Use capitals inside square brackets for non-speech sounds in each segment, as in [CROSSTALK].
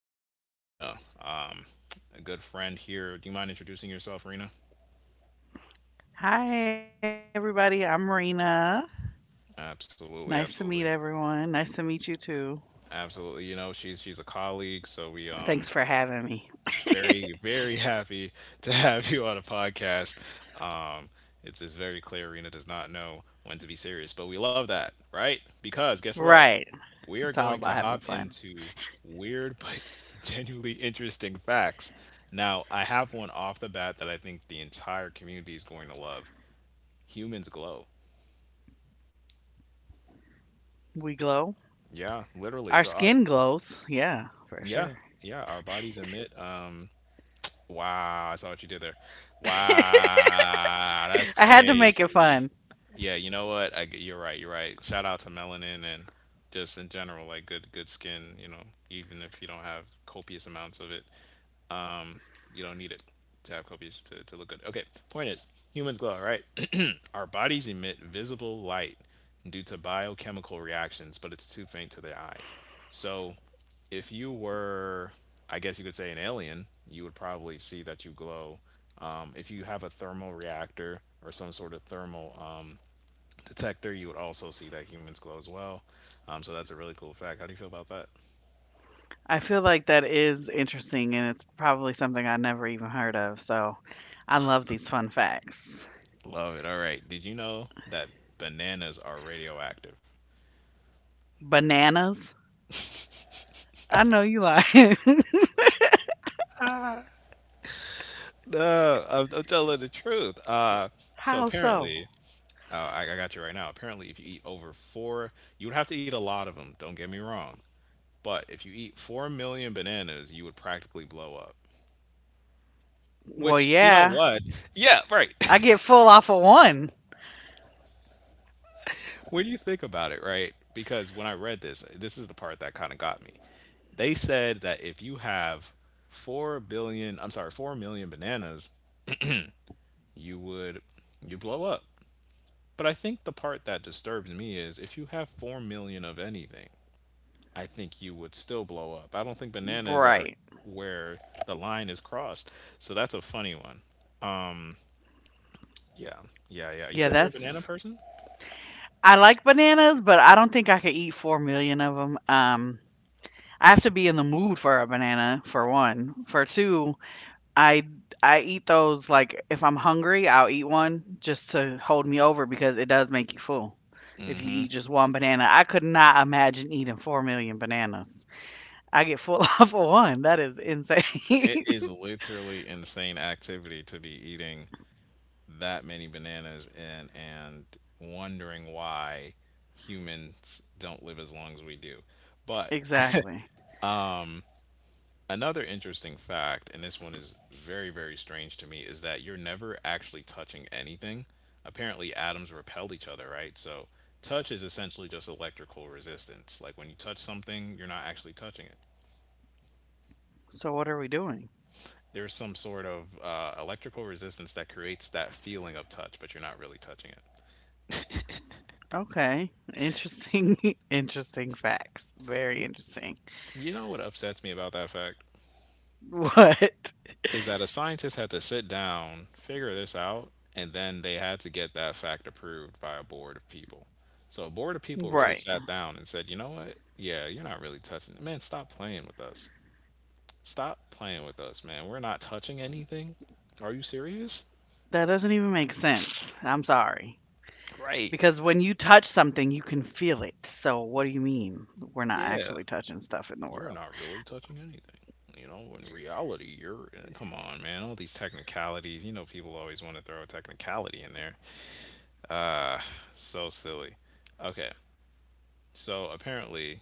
I'm here with Rena, a good friend here. Do you mind introducing yourself, Rena? Hi, everybody. I'm Marina. Nice to meet Absolutely, absolutely, everyone. Nice to meet you too. absolutely. You know, she's a colleague, so we Thanks for having me. very, very [LAUGHS] happy to have you on a podcast. Um, it's very clear Rena does not know when to be serious, but we love that, right? Because guess what? Right. We are It's all going to about having hop fun. into weird but [LAUGHS] genuinely interesting facts. Now, I have one off the bat that I think the entire community is going to love. Humans glow. We glow. Yeah, literally. Our So our, skin glows. Yeah, for yeah, sure. yeah, our bodies emit. Wow, I saw what you did there. [LAUGHS] I Wow, that's had to make it crazy. fun. Yeah, you know what? You're right, you're right. Shout out to melanin and just in general, like good, good skin, you know, even if you don't have copious amounts of it. You don't need it to have copious to look good. Okay, point is humans glow, right? [CLEARS THROAT] Our bodies emit visible light due to biochemical reactions, but it's too faint to the eye. So if you were, I guess you could say, an alien, you would probably see that you glow. If you have a thermal reactor or some sort of thermal detector, you would also see that humans glow as well. So that's a really cool fact. How do you feel about that? I feel like that is interesting and it's probably something I never even heard of. So I love these fun facts. Love it. All right. Did you know that bananas are radioactive? Bananas. I know you lying. No, I'm telling the truth. [LAUGHS] So How so? apparently, I got you right now. Apparently, if you eat over four, you would have to eat a lot of them. Don't get me wrong. But if you eat 4 million bananas, you would practically blow up. Well, Which, you know yeah. what? Yeah, right. I get [LAUGHS] full off of one. When you think about it, right? Because when I read this, this is the part that kind of got me. They said that if you have 4 billion, I'm sorry, 4 million bananas, you would you blow up. But I think the part that disturbs me is if you have 4 million of anything, I think you would still blow up. I don't think bananas are Right. where the line is crossed. So that's a funny one. Yeah. Yeah, yeah. You Yeah, said you're a that's banana person? I like bananas, but I don't think I could eat 4 million of 'em. I have to be in the mood for a banana, for one. For two, I I eat those, like, if I'm hungry, I'll eat one just to hold me over because it does make you full if you eat just one banana. I could not imagine eating 4 million bananas. I get full [LAUGHS] off of one. That is It insane. [LAUGHS] is literally insane activity to be eating that many bananas and wondering why humans don't live as long as we do. But Exactly. another interesting fact, and this one is very, very strange to me, is that you're never actually touching anything. Apparently, atoms repel each other, right? So, touch is essentially just electrical resistance. Like when you touch something, you're not actually touching it. So what are we doing? There's some sort of electrical resistance that creates that feeling of touch, but you're not really touching it. Okay. Interesting [LAUGHS] interesting facts. Very You, interesting. you know what upsets me about that fact? [LAUGHS] What? Is that a scientist had to sit down, figure this out, and then they had to get that fact approved by a board of people. So a board of people Right. really sat down and said, you know what? Yeah, you're not really touching it. Man, stop playing with us. Stop playing with us, man. We're not touching anything. Are you serious? That doesn't even make sense. I'm sorry. Right. Because when you touch something, you can feel it. So what do you mean we're not Yeah. actually touching stuff in the You're world? not really touching anything. You know, in reality, you're come on, man. All these technicalities. You know, people always want to throw a technicality in there. So silly. Okay. So apparently,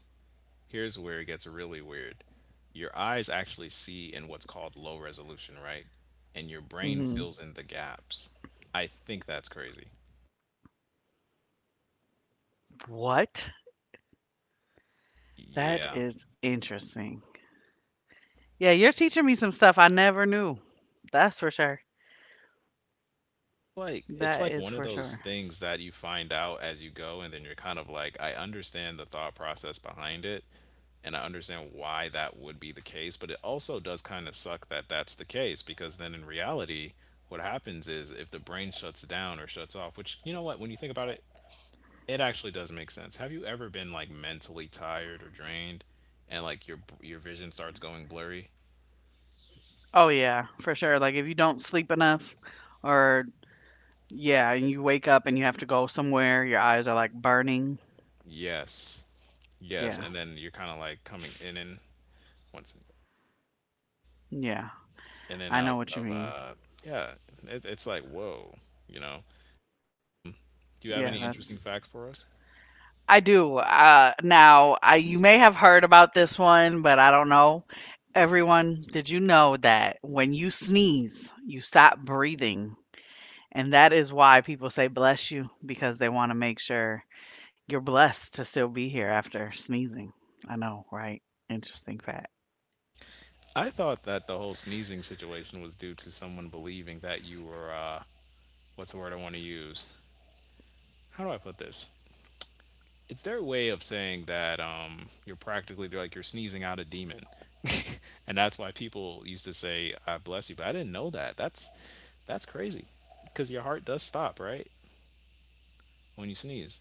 here's where it gets really weird. Your eyes actually see in what's called low resolution, right? And your brain hmm fills in the gaps. I think that's crazy. What? That Yeah. is interesting. Yeah, you're teaching me some stuff I never knew. That's for sure. Like it's That like is one of for those sure. things that you find out as you go, and then you're kind of like, I understand the thought process behind it and I understand why that would be the case, but it also does kind of suck that that's the case, because then in reality what happens is if the brain shuts down or shuts off, which, you know what, when you think about it, it actually does make sense. Have you ever been like mentally tired or drained, and like your vision starts going blurry? Oh yeah, for sure. Like if you don't sleep enough or yeah, and you wake up and you have to go somewhere, your eyes are like burning. Yes. Yes, Yeah. and then you're kind of like coming in and one second, Yeah. in and I know out what you of mean. Yeah, it's like whoa, you know. Do Yeah, you have any that's interesting facts for us? I do. Now, you may have heard about this one, but I don't know. Everyone, did you know that when you sneeze, you stop breathing? And that is why people say bless you, because they want to make sure you're blessed to still be here after sneezing. I know, right? Interesting fact. I thought that the whole sneezing situation was due to someone believing that you were what's the word I want to use? How do I put this? It's their way of saying that you're practically like you're sneezing out a demon, [LAUGHS] and that's why people used to say, "I bless you," but I didn't know that. That's crazy, because your heart does stop right when you sneeze.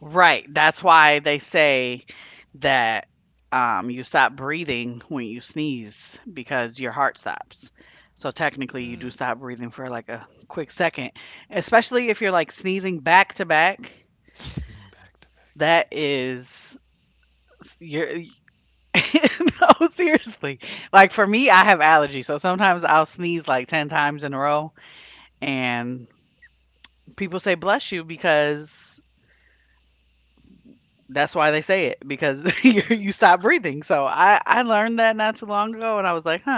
Right, that's why they say that, you stop breathing when you sneeze because your heart stops. So technically you do stop breathing for, like, a quick second, especially if you're, like, sneezing back to back. [LAUGHS] Sneezing back to back. That is you're [LAUGHS] no, seriously. Like, for me, I have allergies, so sometimes I'll sneeze, like, 10 times in a row, and people say, "Bless you," because that's why they say it because [LAUGHS] you stop breathing. So I learned that not too long ago, and I was like, huh,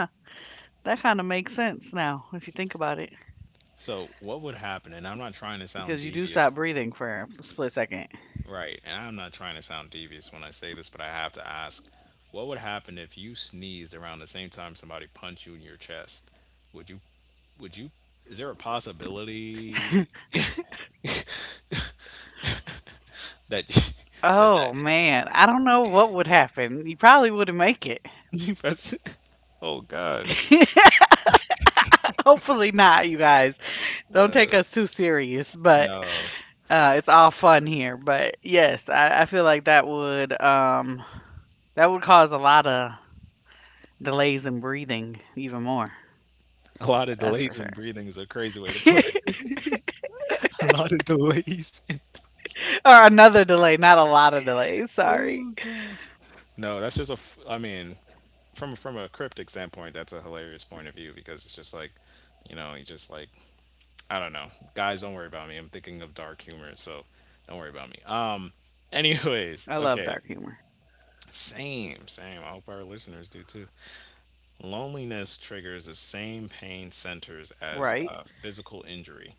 that kind of makes sense now if you think about it So what would happen? And I'm not trying to because you sound do stop devious, breathing for a split second. right? And I'm not trying to sound devious when I say this, but I have to ask, what would happen if you sneezed around the same time somebody punched you in your chest? Would you? Would you? Is there a [LAUGHS] possibility that [LAUGHS] that that Oh man, I don't know what would happen. You probably wouldn't make it. [LAUGHS] that's- oh gosh. [LAUGHS] Hopefully not, you guys. Don't No. take us too serious, but No. It's all fun here. But yes, I feel like that would cause a lot of delays in breathing even more. A lot of That's delays for in sure. breathing is a crazy way to put [LAUGHS] it. [LAUGHS] A lot of delays in. Or another delay, not a lot of delays. [LAUGHS] Sorry. Oh gosh. No, that's just a f- I mean, from a cryptic standpoint, that's a hilarious point of view, because it's just like, you just like, I don't know. Guys, don't worry about me, I'm thinking of dark humor, so don't worry about me. [LAUGHS] Anyways, I okay. love dark humor. Same, same. I hope our listeners do too. Loneliness triggers the same pain Right. centers as physical injury,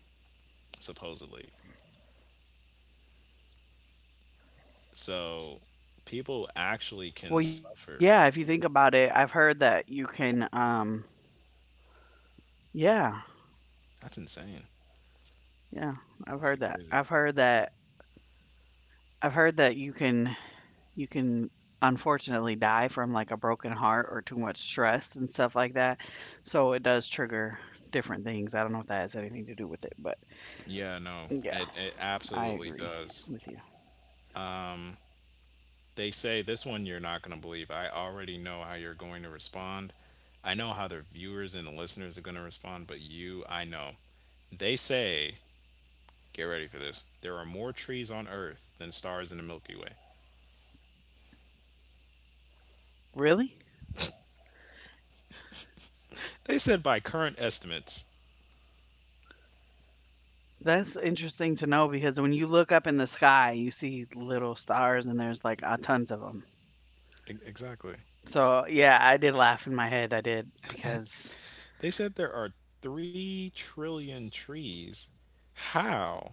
supposedly. So people actually can Well, suffer. yeah, if you think about it, I've heard that you can yeah. That's insane. Yeah. I've That's heard that. crazy. I've heard that you can unfortunately die from like a broken heart or too much stress and stuff like that. So it does trigger different things. I don't know if that has anything to do with it, but Yeah, no, yeah, it I absolutely agree with does. you. Um, they say this one you're not going to believe. I already know how you're going to respond. I know how their viewers and listeners are going to respond, but you, I know. They say, get ready for this, there are more trees on Earth than stars in the Milky Way. Really? They said by current estimates, That's interesting to know because when you look up in the sky, you see little stars and there's, like, tons of them. Exactly. So, yeah, I did laugh in my head, I did, because They said there are 3 trillion trees. How?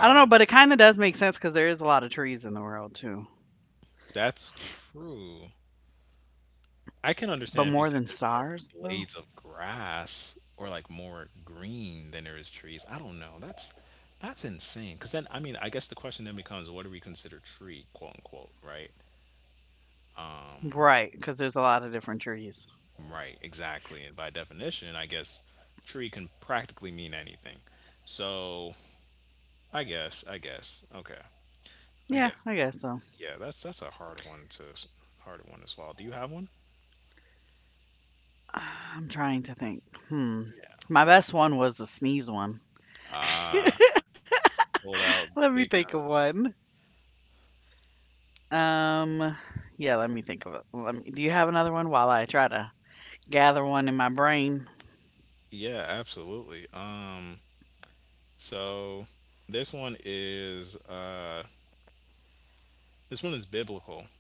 I don't know, but it kinda does make sense because there is a lot of trees in the world too. That's true. I can understand But if you more said than there's more stars, though? blades of grass or like more green than there is trees. I don't know. That's insane. Because then, I mean, I guess the question then becomes, what do we consider tree, quote unquote, right? Um, Right, because there's a lot of different trees. right, exactly. And by definition, I guess tree can practically mean anything. So I guess. I guess. Okay. I Yeah, get. I guess so. Yeah, that's a hard one to hard one to swallow. Do you have one? [SIGHS] I'm trying to think. Hmm. Yeah. My best one was the sneeze one. [LAUGHS] Ah, pulled Let out me the big think of guns. one. Um, yeah, let me think of it. Let me Do you have another one while I try to gather one in my brain. Yeah, absolutely. So this one is uh, this one is biblical,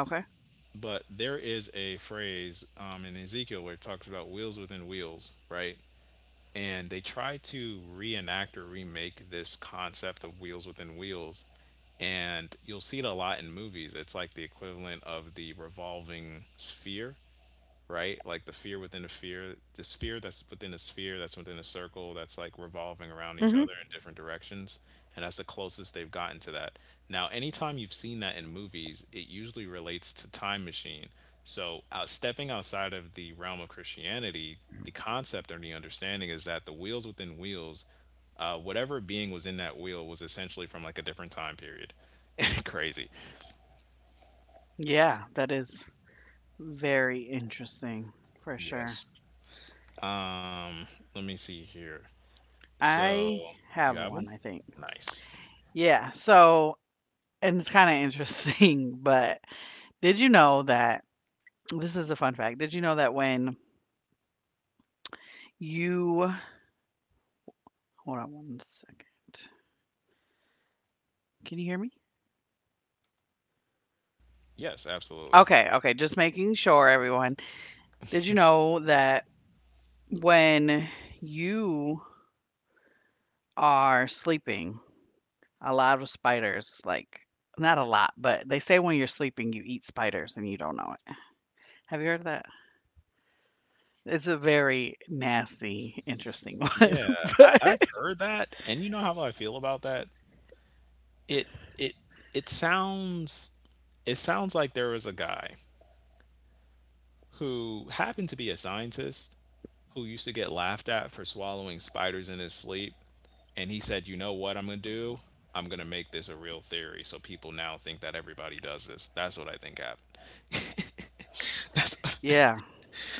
Okay. but there is a phrase in Ezekiel where it talks about wheels within wheels, right? And they try to reenact or remake this concept of wheels within wheels, and you'll see it a lot in movies. It's like the equivalent of the revolving sphere, right? Like the fear within a fear, the sphere that's within a sphere, that's within a circle, that's like revolving around each Mhm. other in different directions. And that's the closest they've gotten to that. Now, anytime you've seen that in movies, it usually relates to time machine. So, out stepping outside of the realm of Christianity, the concept or the understanding is that the wheels within wheels, whatever being was in that wheel was essentially from like a different time period. [LAUGHS] Crazy. Yeah, that is very interesting for sure. Yes. Um, let me see here. So I you have have them? one, I think. Nice. Yeah, so and it's kinda interesting, [LAUGHS] but did you know that this is a fun fact. Did you know that when you hold on one second. Can you hear me? Yes, absolutely. Okay, okay, just making sure everyone. Did you know that when you are sleeping, a lot of spiders, like not a lot, but they say when you're sleeping, you eat spiders and you don't know it. Have you heard of that? It's a very nasty, interesting [LAUGHS] one, Yeah, I've but heard that, and you know how I feel about that. It it it sounds it sounds like there was a guy who happened to be a scientist who used to get laughed at for swallowing spiders in his sleep, and he said, "You know what I'm gonna do? I'm gonna make this a real theory, so people now think that everybody does this." That's what I think happened. [LAUGHS] That's what yeah,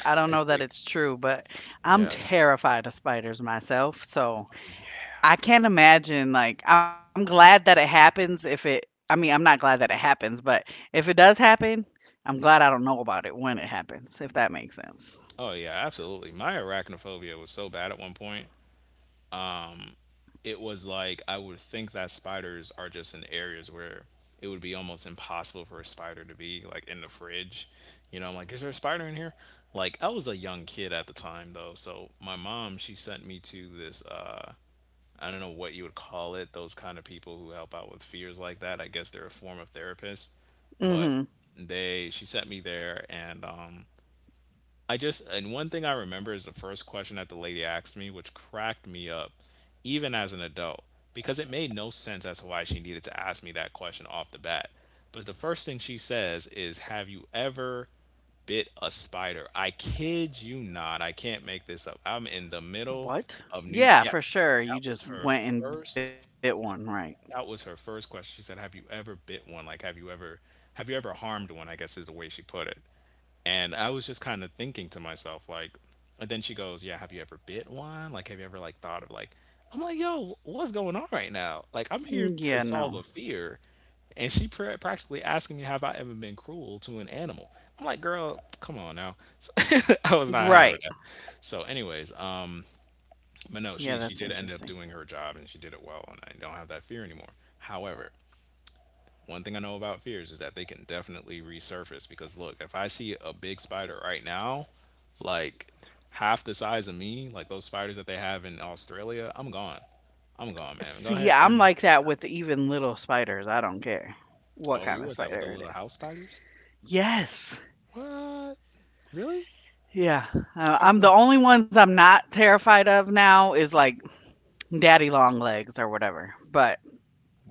I don't I know that think. it's true, but I'm Yeah. terrified of spiders myself, so Oh yeah. I can't imagine, like, I'm glad that it happens if it I mean, I'm not glad that it happens, but if it does happen, I'm glad I don't know about it when it happens, if that makes sense. Oh yeah, absolutely. My arachnophobia was so bad at one point. Um, it was like I would think that spiders are just in areas where it would be almost impossible for a spider to be, like in the fridge. You know, I'm like, is there a spider in here? Like I was a young kid at the time though, so my mom she sent me to this I don't know what you would call it, those kind of people who help out with fears like that. I guess they're a form of therapist. But Mhm. they she sent me there, and I just and one thing I remember is the first question that the lady asked me, which cracked me up, even as an adult, because it made no sense as to why she needed to ask me that question off the bat. But the first thing she says is, "Have you ever bit a spider?" I kid you not. I can't make this up. I'm in the middle What? of New. Yeah, Yes, for sure. You that just was her went and bit first. one, right? That was her first question. She said, "Have you ever bit one? Like, have you ever harmed one?" I guess is the way she put it. And I was just kind of thinking to myself, like, and then she goes, "Yeah, have you ever bit one? Like, have you ever, like, thought of, like," I'm like, "Yo, what's going on right now? Like, I'm here Mm, to yeah, solve no. a fear." And she practically asking me, "Have I ever been cruel to an animal?" I'm like, "Girl, come on now." [LAUGHS] So [LAUGHS] I was not having Right. that. So, anyways, but no, Yeah, she that's did end up interesting. doing her job and she did it well. And I don't have that fear anymore. However, one thing I know about fears is that they can definitely resurface because look, if I see a big spider right now, like half the size of me, like those spiders that they have in Australia, I'm gone. I'm gone, man. Go See, ahead, burn I'm the whole like place that down. with even little spiders. I don't care what Oh, kind you of were that with the spider it little is. house spiders? Yes. What? Really? Yeah. How I'm the come? only ones I'm not terrified of now is like daddy long legs or whatever. But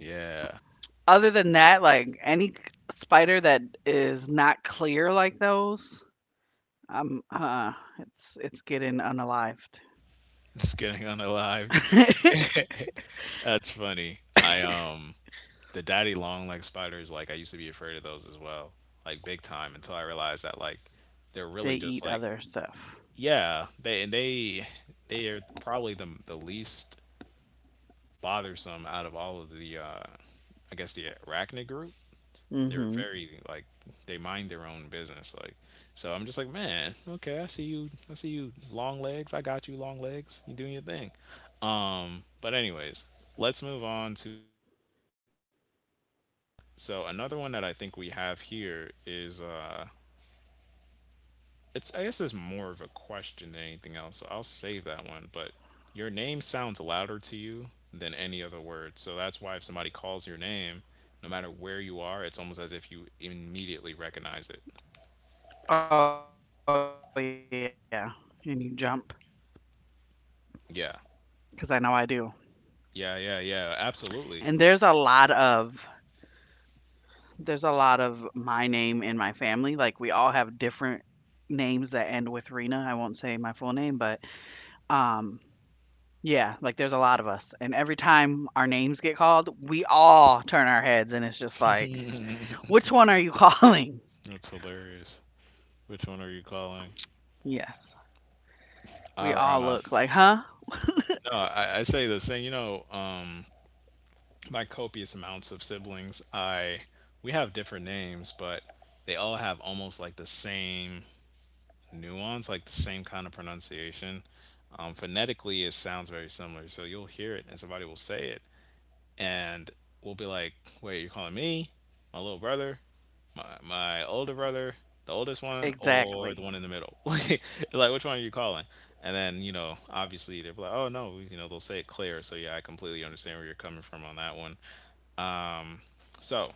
Yeah. other than that, like spider that is not clear like those, I'm it's getting unalived. [LAUGHS] Just getting unalived. [LAUGHS] [LAUGHS] That's funny. I the daddy long leg spiders, like I used to be afraid of those as well. Like big time until I realized that, like, they're They really eat just like other stuff. yeah, they are probably the least bothersome out of all of the I guess the arachnid group. They're Mhm. very like they mind their own business. Like so I'm just like, "Man, okay, I see you, long legs. I got you, long legs. You doing your thing." But anyways, let's move on to another one that I think we have here is It's I guess it's more of a question than anything else. So I'll save that one. But your name sounds louder to you than any other word. So that's why if somebody calls your name, no matter where you are, it's almost as if you immediately recognize it. Oh, yeah, and you jump because I know I do. Yeah. And Yeah, yeah, yeah. Absolutely. there's a lot of my name in my family, like, we all have different names that end with Rena, I won't say my full name, but, um, yeah, like, there's a lot of us, and every time our names get called, we all turn our heads, and it's just like, "Which one are you [LAUGHS] calling?" That's hilarious. Which one are you calling? Yes, we all look Our like, "Huh?" no, I say the same. You know, my copious amounts of siblings, I we have different names, but they all have almost like the same nuance, like the same kind of pronunciation. Phonetically, it sounds very similar. So you'll hear it and somebody will say it, and we'll be like, wait, you're calling me, my little brother, my older brother, the oldest one, or Exactly. the one in the middle? [LAUGHS] Like, which one are you calling? And then, you know, obviously they're like, "Oh no," you know, they'll say it clear. So yeah, I completely understand where you're coming from on that one. Um, so,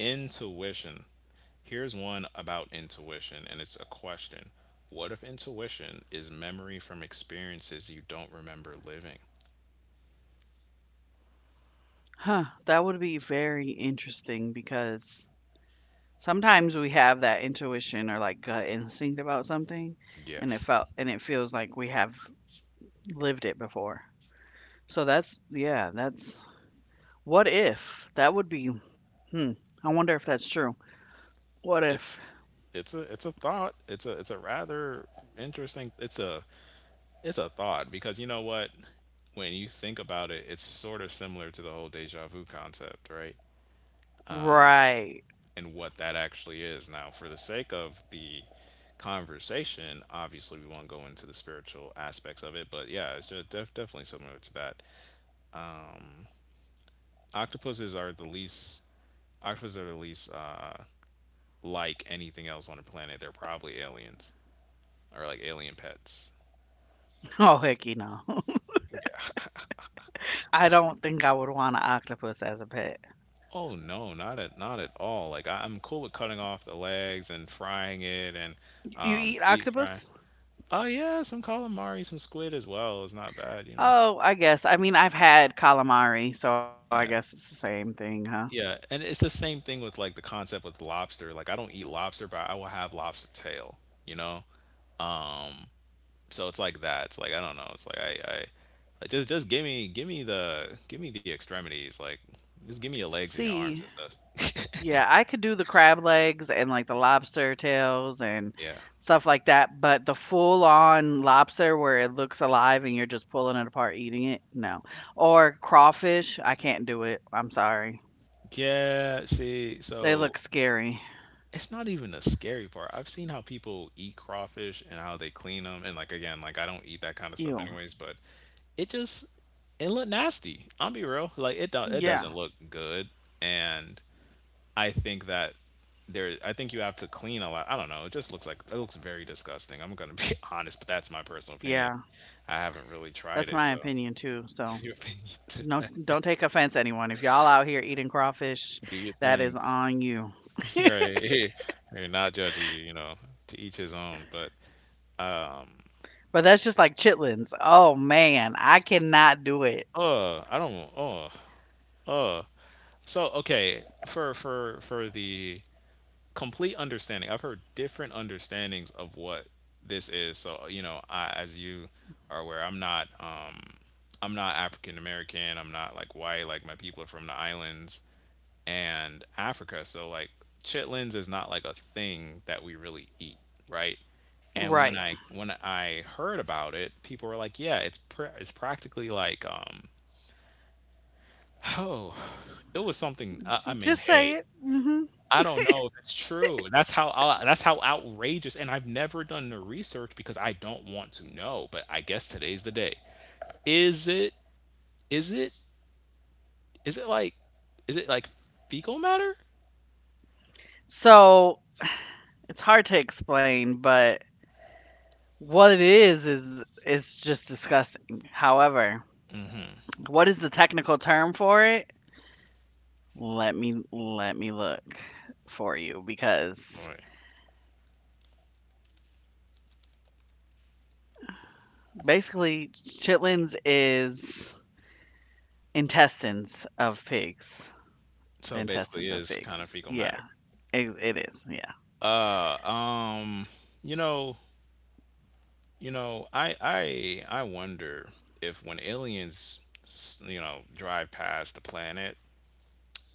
intuition. Here's one about intuition, and it's a question. What if intuition is memory from experiences you don't remember living? Huh, that would be very interesting because sometimes we have that intuition or like gut instinct about something and it felt Yes. and it feels like we have lived it before. So that's yeah, that's what if? That would be hmm. I wonder if that's true. What if? It's it's a thought. It's a rather interesting it's a thought because, you know what? When you think about it, it's sort of similar to the whole deja vu concept, right? Right. [LAUGHS] And what that actually is. Now, for the sake of the conversation, obviously we won't go into the spiritual aspects of it, but yeah, it's just definitely similar to that. Octopuses are the least octopuses are the least like anything else on the planet. They're probably aliens or like alien pets. Oh hecky no. [LAUGHS] Yeah. [LAUGHS] I don't think I would want an octopus as a pet. Oh no, not at all. Like I, I'm cool with cutting off the legs and frying it and You eat deep fry. octopus? Oh yeah, some calamari, some squid as well. It's not bad, you know. Oh, I guess. I mean, I've had calamari, so I guess it's the Yeah. same thing, huh? Yeah, and it's the same thing with like the concept with lobster. Like I don't eat lobster, but I will have lobster tail, you know? Um, So it's like that. It's like I don't know. It's like I like just give me give me the extremities. Like just give me your legs and your arms See, and stuff. Yeah, I could do the crab legs and, like, the lobster tails and Yeah. stuff like that, but the full-on lobster where it looks alive and you're just pulling it apart, eating it, no. Or crawfish, I can't do it, I'm sorry. Yeah, see, They so look scary. it's not even the scary part. I've seen how people eat crawfish and how they clean them, and like again, like I don't eat that kind of stuff Ew. anyways, but it just it looked nasty. I'll be real, like it do, it Yeah, doesn't look good, and I think that there I think you have to clean a lot. I don't know. It just looks like it looks very disgusting. I'm going to be [LAUGHS] honest, but that's my personal opinion. yeah, I haven't really that's tried my it, so opinion too, so [LAUGHS] your opinion. no, [LAUGHS] don't take offense, anyone. If y'all out here eating crawfish, Do your that thing. is [LAUGHS] on you. Right. [LAUGHS] We're not judging you, you know, to each his own, but But that's just like chitlins. Oh, man, I cannot do it. I don't uh, uh. So, okay, for the complete understanding. I've heard different understandings of what this is. So, you know, I, as you are aware, I'm not African American, I'm not like white, like my people are from the islands and Africa. So like chitlins is not like a thing that we really eat, right? And Right. When I heard about it, people were like, "Yeah, it's it's practically like, um, oh, it was something. I mean, Just say hey, it. Mhm. I don't know if it's true. That's how ou that's how outrageous," and I've never done the research because I don't want to know, but I guess today's the day. Is it Is it like is it like fecal matter? So, it's hard to explain, but what it is it's just disgusting. However, what is the technical term for it? Let me look for you because Alright. basically chitlins is intestines of pigs. So it The basically intestines is of kind of pigs. fecal matter. Yeah, it is. Yeah. Uh, Um, you know, I I wonder if when aliens, you know, drive past the planet,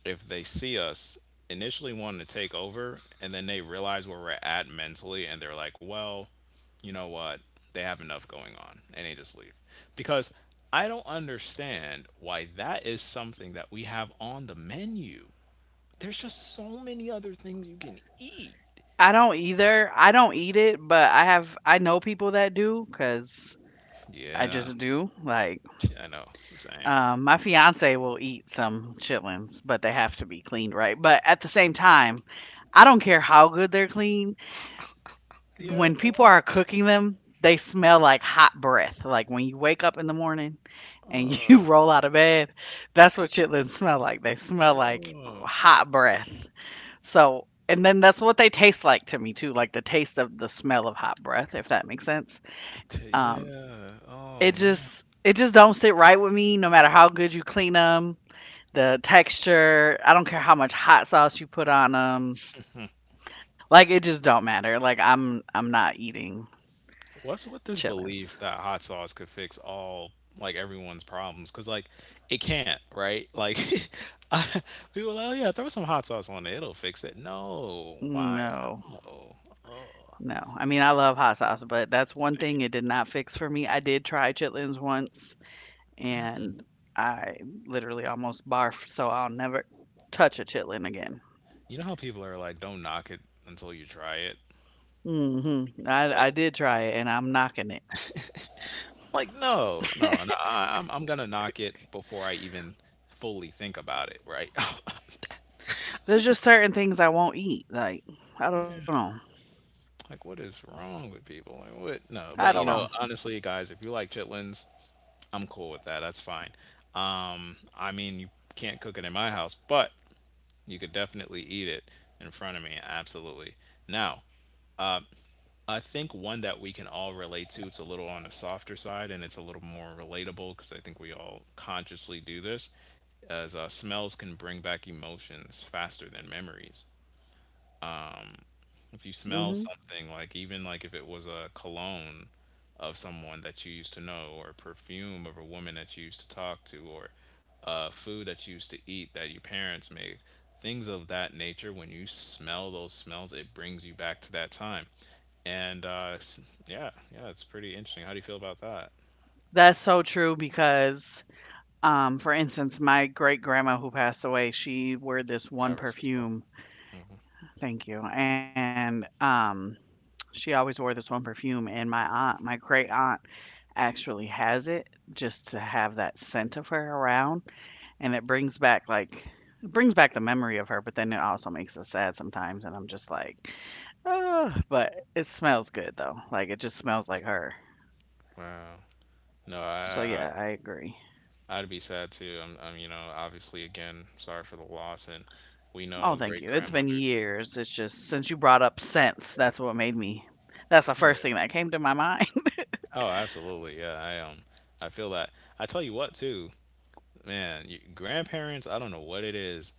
if they see us initially wanting to take over and then they realize where we're at mentally and they're like, "Well, you know what? They have enough going on," and they just leave. Because I don't understand why that is something that we have on the menu. There's just so many other things you can eat. I don't either. I don't eat it, but I know people that do cuz I Yeah, just do. Like I know. Same. My fiance will eat some chitlins, but they have to be cleaned right. But at the same time, I don't care how good they're clean. Yeah, When people no. are cooking them, they smell like hot breath. Like when you wake up in the morning and [LAUGHS] you Uh, roll out of bed, that's what chitlins smell like. They smell like uh, hot breath. So, and then that's what they taste like to me too, like the taste of the smell of hot breath, if that makes sense. Um, yeah. Oh, it man. just don't sit right with me, no matter how good you clean 'em. The texture, I don't care how much hot sauce you put on them. Like, it just don't matter. Like, I'm not eating What's with this belief chitlins. that hot sauce could fix all like everyone's problems? 'Cause like it can't, right? Like [LAUGHS] I, people are like, "Oh yeah, throw some hot sauce on it, it'll fix it." No, why? No. No. Oh. No. I mean, I love hot sauce, but that's one thing it did not fix for me. I did try chitlins once, and I literally almost barfed, so I'll never touch a chitlin again. You know how people are like, "Don't knock it until you try it." Mm Mhm. I Like, did try it, and I'm knocking it. No, no, no. I'm gonna knock it before I even fully think about it, right? [LAUGHS] I There's don't just certain things I won't eat. Like, I don't care. know. Yeah. Like, what is wrong with people? Like, what? No. I don't But, you know. know, honestly, guys, if you like chitlins, I'm cool with that. That's fine. I mean, you can't cook it in my house, but you could definitely eat it in front of me. Absolutely. Now, I think one that we can all relate to, it's a little on the softer side and it's a little more relatable because I think we all consciously do this, as smells can bring back emotions faster than memories. If you Mm smell Mhm. something, like even like if it was a cologne of someone that you used to know, or perfume of a woman that you used to talk to, or food that you used to eat that your parents made, things of that nature, when you smell those smells it brings you back to that time. And yeah, yeah, it's pretty interesting. How do you feel about that? That's so true because for instance, my great grandma who passed away, she wore this God one rest her soul. perfume, thank you, and, she always wore this one perfume, and my aunt, my great aunt actually has it just to have that scent of her around, and it brings back, like, it brings back the memory of her, but then it also makes us sad sometimes, and I'm just like, oh, but it smells good, though, like, it just smells like her. Wow. No, So, I, I, yeah, I agree. I- I'd be sad too. I'm, you know, obviously, again, sorry for the loss, and we Oh, know thank great you. It's been grandmothers. years. It's just since you brought up scents, Yeah. that's what made me that's the Oh first yeah. thing that came to my mind. [LAUGHS] Oh, absolutely. Yeah, I feel that. I tell you what too, man, you, grandparents, I don't know what it is,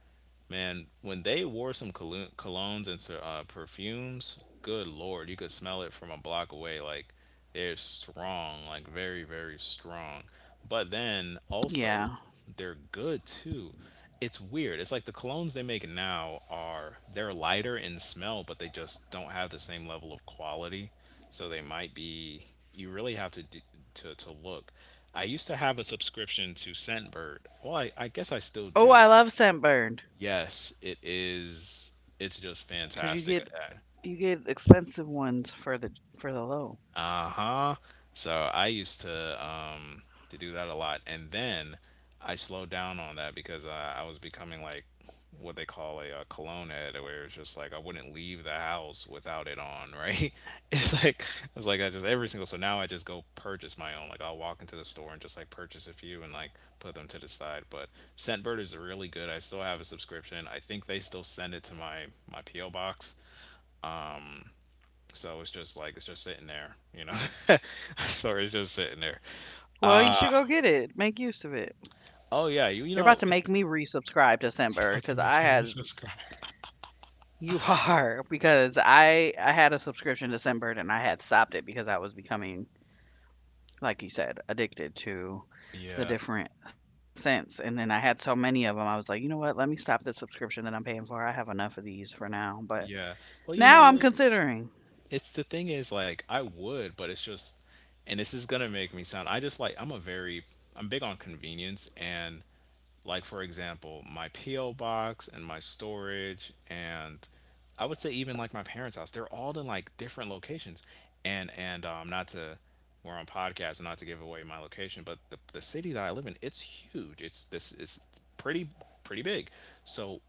man, when they wore some colognes and perfumes, good lord, you could smell it from a block away. Like they're strong, like very, very strong. But Yeah. then also, they're good too. It's weird. It's like the colognes they make now are they're lighter in smell, but they just don't have the same level of quality. So they might be. You really have to to look. I used to have a subscription to Scentbird. Well, I guess I still Oh, do. I love Scentbird Yes, it is. It's just because fantastic. Uh, you get expensive ones for the low. uh-huh So I used to do that a lot. And then I slowed down on that because I was becoming like what they call a, cologne head, where it's just like I wouldn't leave the house without it on, right. [LAUGHS] it's like it's like I just every single— so now I just go purchase my own. Like, I'll walk into the store and just like purchase a few and like put them to the side. But Scentbird is really good. I still have a subscription. I think they still send it to my po box. So it's just like, it's just sitting there. [LAUGHS] So it's just sitting there. Well, you should go get it. Make use of it. Oh yeah, You're about you to know. make me resubscribe to Scentbird because I had Describe. you are [LAUGHS] because I had a subscription to Scentbird and I had stopped it because I was becoming like you said, addicted to the Yeah, different scents. And then I had so many of them, I was like, you know what? Let me stop the subscription that I'm paying for. I have enough of these for now. But yeah. Well, you know now I'm what? considering. It's— the thing is, like, I would, but it's just— and this is gonna make me sound— I just— like, I'm a very— I'm big on convenience. And, like, for example, my PO box and my storage and, I would say, even like my parents' house, they're all in like different locations. And not to— we're on podcast and not to give away my location, but the city that I live in, it's huge. It's this, it's pretty pretty big. So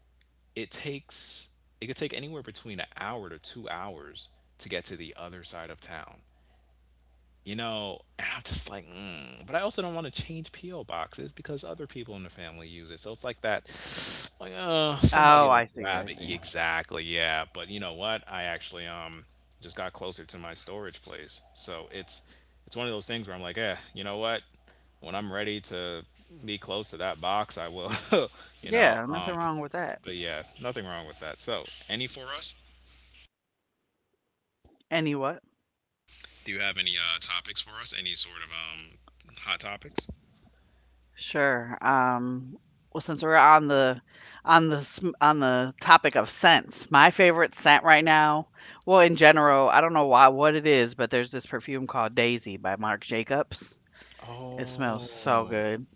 it takes it could take anywhere between an hour to 2 hours to get to the other side of town, and I'm just like mm. But I also don't want to change po boxes, because other people in the family use it. So it's like that. [SNIFFS] Like, somebody Oh, will I see. grab I it. see. Exactly, yeah. But, you know what? I actually just got closer to my storage place. So it's one of those things where I'm like, eh, you know what? When I'm ready to be close to that box, I will. [LAUGHS] You know. Yeah, nothing wrong with that. But yeah, nothing wrong with that. So, any for us? Any what? Do you have any topics for us? Any sort of hot topics? Sure. Well, since we're on the on the topic of scents, my favorite scent right now, well, in general, I don't know why what it is, but there's this perfume called Daisy by Marc Jacobs. It smells so Oh, good.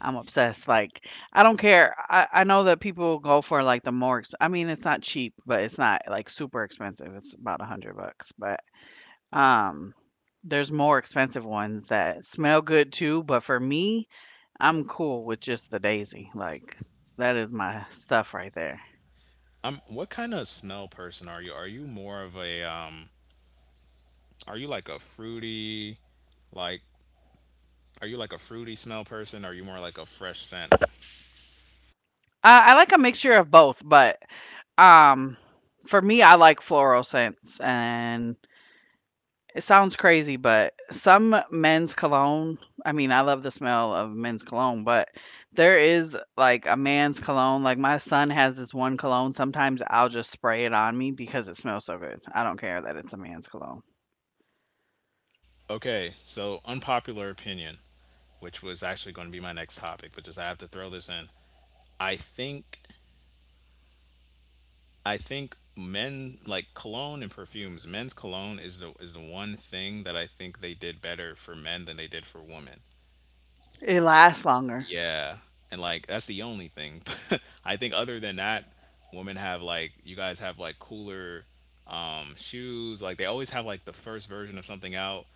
I'm obsessed. Like, I don't care. I know that people go for like the more, I mean, it's not cheap, but it's not like super expensive. It's about 100 bucks, but, um, there's more expensive ones that smell good too. But for me, I'm cool with just the daisy. Like, that is my stuff right there. What kind of smell person are you? Are you more of a? Are you like a fruity like? Are you like a fruity smell person? Are you more like a fresh scent? I like a mixture of both, but, um, for me, I like floral scents and it sounds crazy, but some men's cologne, I mean, I love the smell of men's cologne, but there is like a man's cologne. Like my son has this one cologne. Sometimes I'll just spray it on me because it smells so good. I don't care that it's a man's cologne. Okay, so, unpopular opinion, which was actually going to be my next topic, but just— I have to throw this in. I think I think men like cologne and perfumes. Men's cologne is the one thing that I think they did better for men than they did for women. It lasts longer. Yeah, and like that's the only thing. [LAUGHS] I think, other than that, women have like— you guys have like cooler shoes. Like, they always have like the first version of something out.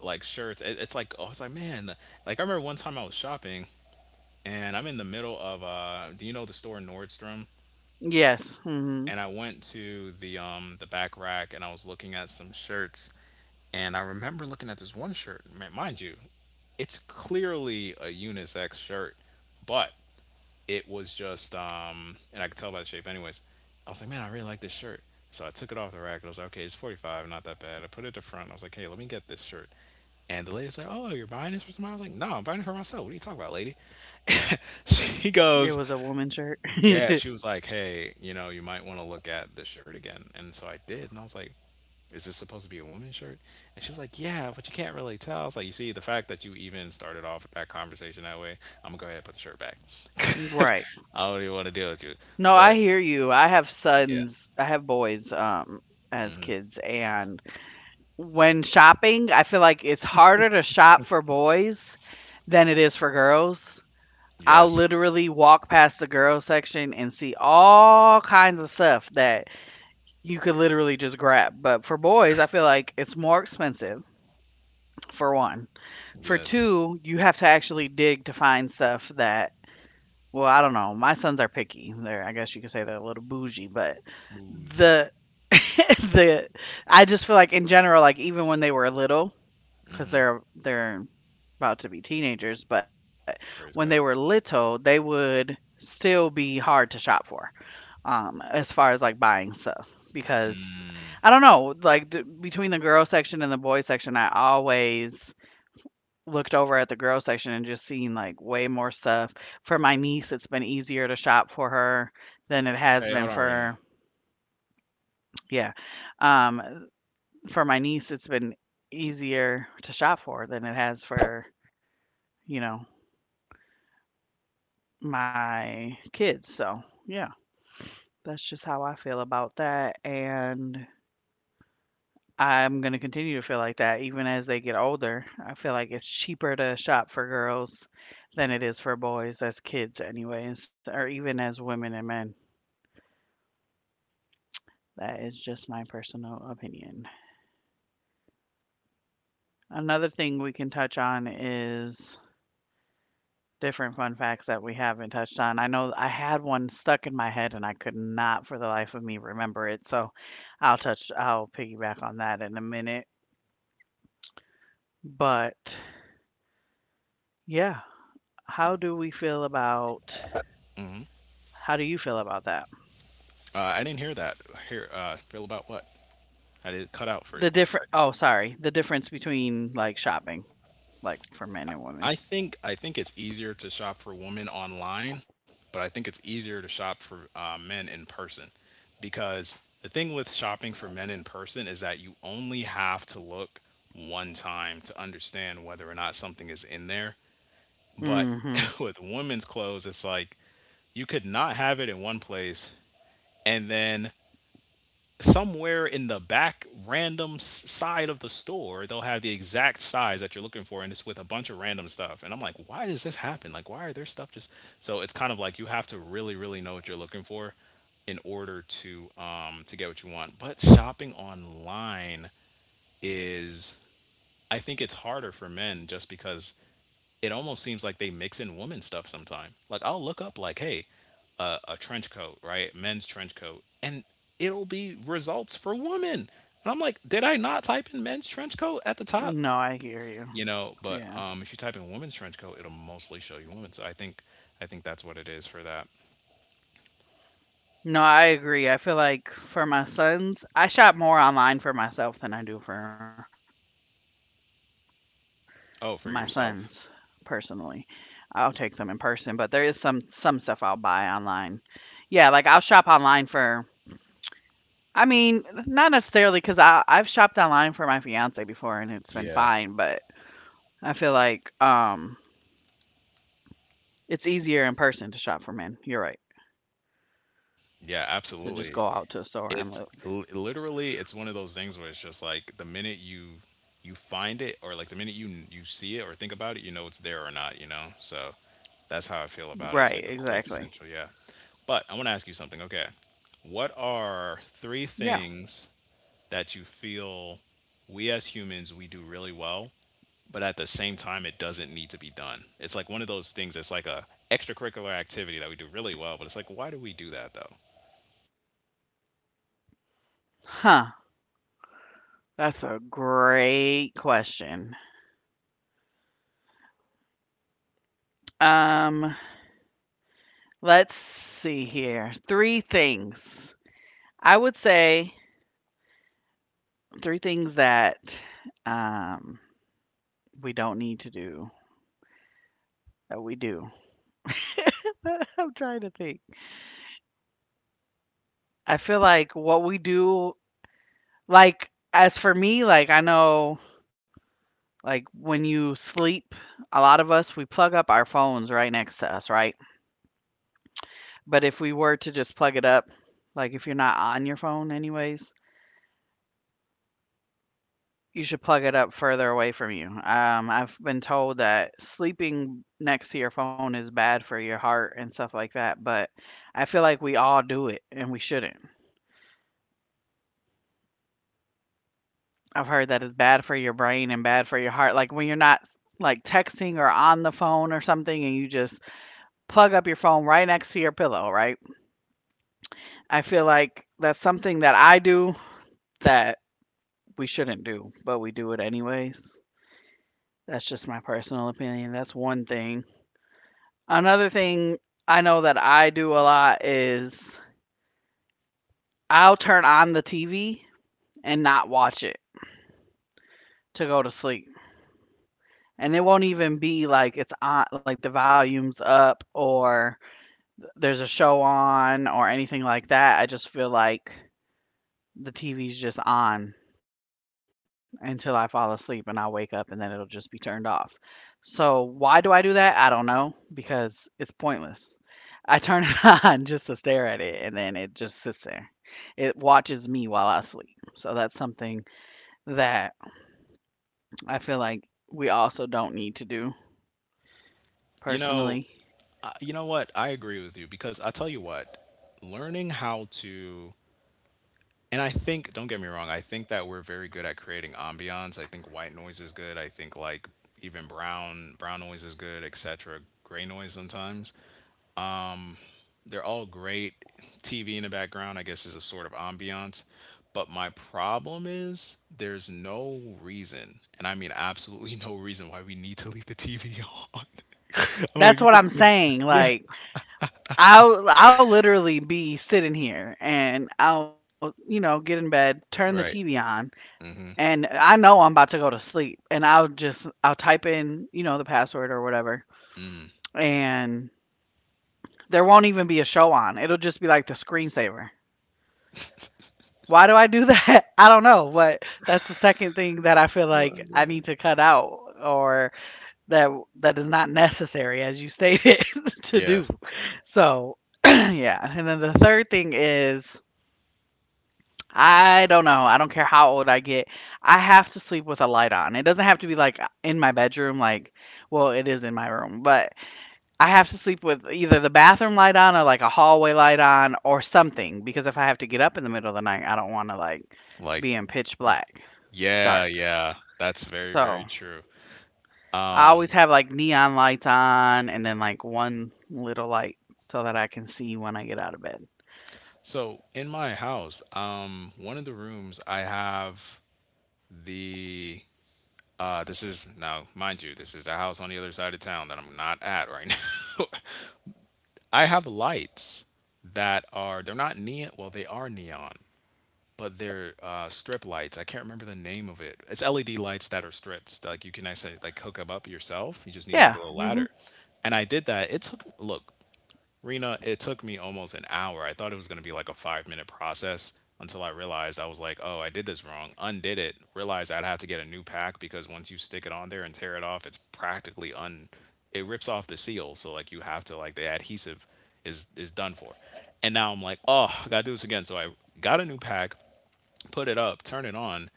Like, shirts. It's like, oh, it's like, man. Like, I remember one time I was shopping and I'm in the middle of— do you know the store Nordstrom? Yes. And I went to the back rack and I was looking at some shirts, and I remember looking at this one shirt. Man, mind you, it's clearly a unisex shirt, but it was just and I could tell by the shape anyways. I was like, "Man, I really like this shirt." So I took it off the rack and I was like, "Okay, it's 45, not that bad." I put it to front. I was like, "Hey, let me get this shirt." And the lady's like, "Oh, you're buying this for somebody?" I was like, "No, I'm buying it for myself. What are you talking about, lady?" [LAUGHS] It was She a woman's goes, shirt. [LAUGHS] "Yeah." She was like, "Hey, you know, you might want to look at this shirt again." And so I did, and I was like, is this supposed to be a woman's shirt? And she was like, yeah, but you can't really tell. I was like, you see, the fact that you even started off with that conversation that way, I'm going to go ahead and put the shirt back. [LAUGHS] 'Cause Right. I don't even want to deal with you. No, I But hear you. I have yeah. sons, I have boys as Hmm. kids. And when shopping, I feel like it's harder to shop for boys than it is for girls. I'll Yes. literally walk past the girls section and see all kinds of stuff that you could literally just grab. But for boys, I feel like it's more expensive, for one. For Yes. two, you have to actually dig to find stuff that, well, I don't know. My sons are picky. They're, I guess you could say they're a little bougie, but Bougie. the, [LAUGHS] the, I just feel like in general, like even when they were little, 'cause Hmm. they're about to be teenagers, but when they were Praise God. little, they would still be hard to shop for, as far as, like, buying stuff because I Mm. don't know, like, the between the girl section and the boy section, I always looked over at the girl section and just seen, like, way more stuff. For my niece, it's been easier to shop for her than it has Hey, been hold on, Rena. for yeah, um, for my niece, it's been easier to shop for than it has for, you know, my kids, so, yeah, that's just how I feel about that, and I'm gonna continue to feel like that even as they get older. I feel like it's cheaper to shop for girls than it is for boys as kids anyways, or even as women and men. That is just my personal opinion. Another thing we can touch on is different fun facts that we haven't touched on. I know I had one stuck in my head and I could not for the life of me remember it. So I'll piggyback on that in a minute. But yeah, how do we feel about, Hmm. how do you feel about that? I didn't hear that. Here, feel about what? I did cut out for a The quick different, second. oh, sorry, the difference between like shopping, like for men and women. I think it's easier to shop for women online, but I think it's easier to shop for men in person. Because the thing with shopping for men in person is that you only have to look one time to understand whether or not something is in there. But hmm [LAUGHS] with women's clothes, it's like you could not have it in one place, and then somewhere in the back random side of the store they'll have the exact size that you're looking for, and it's with a bunch of random stuff. And I'm like, why does this happen? Like, why are there stuff just— so it's kind of like you have to really, really know what you're looking for in order to get what you want. But shopping online is— I think it's harder for men, just because it almost seems like they mix in women stuff sometime. Like, I'll look up, like, hey, a trench coat, right? Men's trench coat, and it'll be results for women. And I'm like, did I not type in men's trench coat at the top? No, I hear you. You know, Yeah. but if you type in women's trench coat, it'll mostly show you women. So I think that's what it is for that. No, I agree. I feel like for my sons, I shop more online for myself than I do for my sons, personally. Oh, for I'll take them yourself? in person, but there is some stuff I'll buy online. Yeah, like I'll shop online for I mean, not necessarily because I've shopped online for my fiance before and it's been fine, but Yeah. I feel like it's easier in person to shop for men. You're right. Yeah, To just go out absolutely. to a store and look. It's literally— it's one of those things where it's just like, the minute you find it, or like the minute you see it or think about it, you know, it's there or not. So that's how I feel about it. It's like Right, a quick exactly. central, yeah. But I want to ask you something. Okay, what are three Yeah. things that you feel we, as humans, we do really well, but at the same time it doesn't need to be done? It's like one of those things. It's like a extracurricular activity that we do really well, but it's like, why do we do that though, Huh. That's a great question. Um, let's see here. Three things I would say three things that, um, we don't need to do that we do. [LAUGHS] I'm trying to think. I feel like what we do like, as for me, like, I know, like, when you sleep, a lot of us, we plug up our phones right next to us, right? But if we were to just plug it up like, if you're not on your phone anyways, you should plug it up further away from you. I've been told that sleeping next to your phone is bad for your heart and stuff like that, but I feel like we all do it and we shouldn't. I've heard that it's bad for your brain and bad for your heart. Like when you're not like texting or on the phone or something and you just plug up your phone right next to your pillow, right? I feel like that's something that I do that we shouldn't do, but we do it anyways. That's just my personal opinion. That's one thing. Another thing I know that I do a lot is I'll turn on the TV and not watch it to go to sleep. And it won't even be like it's on, like the volume's up or there's a show on or anything like that. I just feel like the TV's just on until I fall asleep and I'll wake up and then it'll just be turned off. So, why do I do that? I don't know because it's pointless. I turn it [LAUGHS] on just to stare at it, and then it just sits there. It watches me while I sleep. So that's something that I feel like we also don't need to do you know? personally. You know what? I agree with you. Because, I tell you what, learning how to— and I think— don't get me wrong, I think that we're very good at creating ambiance. I think white noise is good. I think, like, even brown noise is good, etc. Gray noise, sometimes. Um they're all great. TV in the background, I guess, is a sort of ambiance. But my problem is, there's no reason, and I mean absolutely [LAUGHS] no reason why we need to leave the TV on. [LAUGHS] I'm like, That's you what could I'm place— saying. yeah, Like I'll literally be sitting here and I'll, you know, get in bed, turn the TV right. on, Mhm. and I know I'm about to go to sleep. And I'll just I'll type in, you know, the password or whatever. Mm. And there won't even be a show on. It'll just be like the screensaver. Why do I do that? [LAUGHS] I don't know, but that's the second thing that I feel Oh my like I need god. to cut out or that that is not necessary as you stated [LAUGHS] to Yeah, do. So, [CLEARS THROAT] yeah. And then the third thing is I don't know. I don't care how old I get. I have to sleep with a light on. It doesn't have to be like in my bedroom like well, it is in my room, but I have to sleep with either the bathroom light on or like a hallway light on or something because if I have to get up in the middle of the night, I don't want to like like— be in pitch y black yeah, dark. yeah, that's very, very So true. I always have like neon lights on and then like one little light so that I can see when I get out of bed. So, in my house, one of the rooms I have the— this is now, mind you, this is a house on the other side of town that I'm not at right [LAUGHS] now. I have lights that are— they're not neon. Well, they are neon. But they're strip lights. I can't remember the name of it. It's LED lights that are strips. Like, you can actually like hook them up yourself. You just need like a Yeah. little ladder. And I did that. It took— look, Rena, it took me almost an hour. I thought it was gonna be like a 5-minute process. Until I realized, I was like, oh, I did this wrong. Undid it. Realized I'd have to get a new pack, because once you stick it on there and tear it off, it's practically un— it rips off the seal. So, like, you have to, like— the adhesive is done for. And now I'm like, oh, I gotta do this again. So I got a new pack, just put it up, turn it on,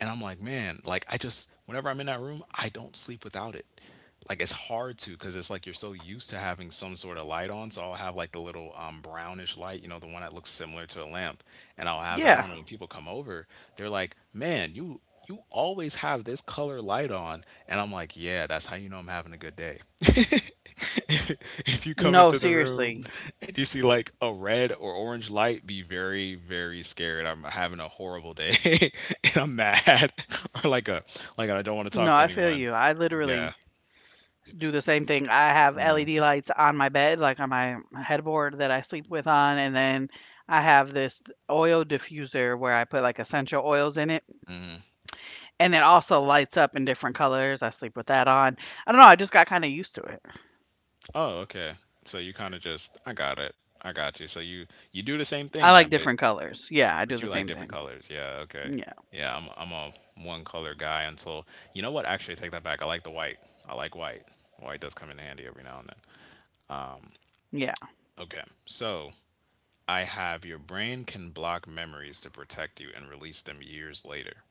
and I'm like, man, like— I just, whenever I'm in that room, I don't sleep without it. Like, it's hard to, because it's like you're so used to having some sort of light on. So I'll have like the little brownish light, you know, the one that looks similar to a lamp, and I'll have that on. Yeah. And when people come over, they're like, "Man, you always have this color light on." And I'm like, yeah, that's how you know I'm having a good day. [LAUGHS] If you come into No, the room seriously. and you see like a red or orange light, be very, very scared. I'm having a horrible day [LAUGHS] and I'm mad. [LAUGHS] Or, like, a— like, I don't No, want I to talk feel to you. I anyone. literally Yeah. do the same thing. I have LED lights on my bed, like on my headboard that I sleep with on, and then I have this oil diffuser where I put like essential oils in it, and it also lights up in different colors. I sleep with that on. I don't know. I just got kind of used to it. Oh, okay. So you kind of just— I got it. I got you. So you do the same I thing like then, but— different colors. Yeah, I do but the you like same different thing. colors. Yeah, okay. Yeah, Yeah, I'm a one color guy until— you know what? Actually, take that back. I like the white. I like white. White does come in handy every now and then. yeah. Okay. So, I have— your brain can block memories to protect you and release them years later.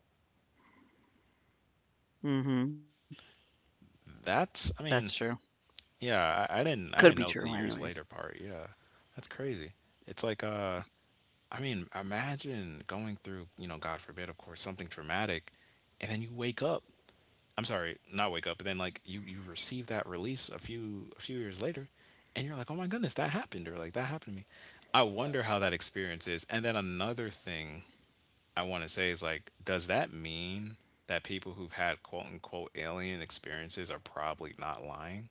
hmm That's That's— I true. mean, yeah, I, I Could be didn't I didn't true, note the anyways. years later part. Yeah. That's crazy. It's like imagine going through, God forbid, of course, something traumatic and then you wake up. I'm sorry, not wake up, but then like you receive that release a few years later, and you're like, oh my goodness, that happened, or like that happened to me. I wonder how that experience is. And then another thing I want to say is, like, does that mean that people who've had quote unquote alien experiences are probably not lying?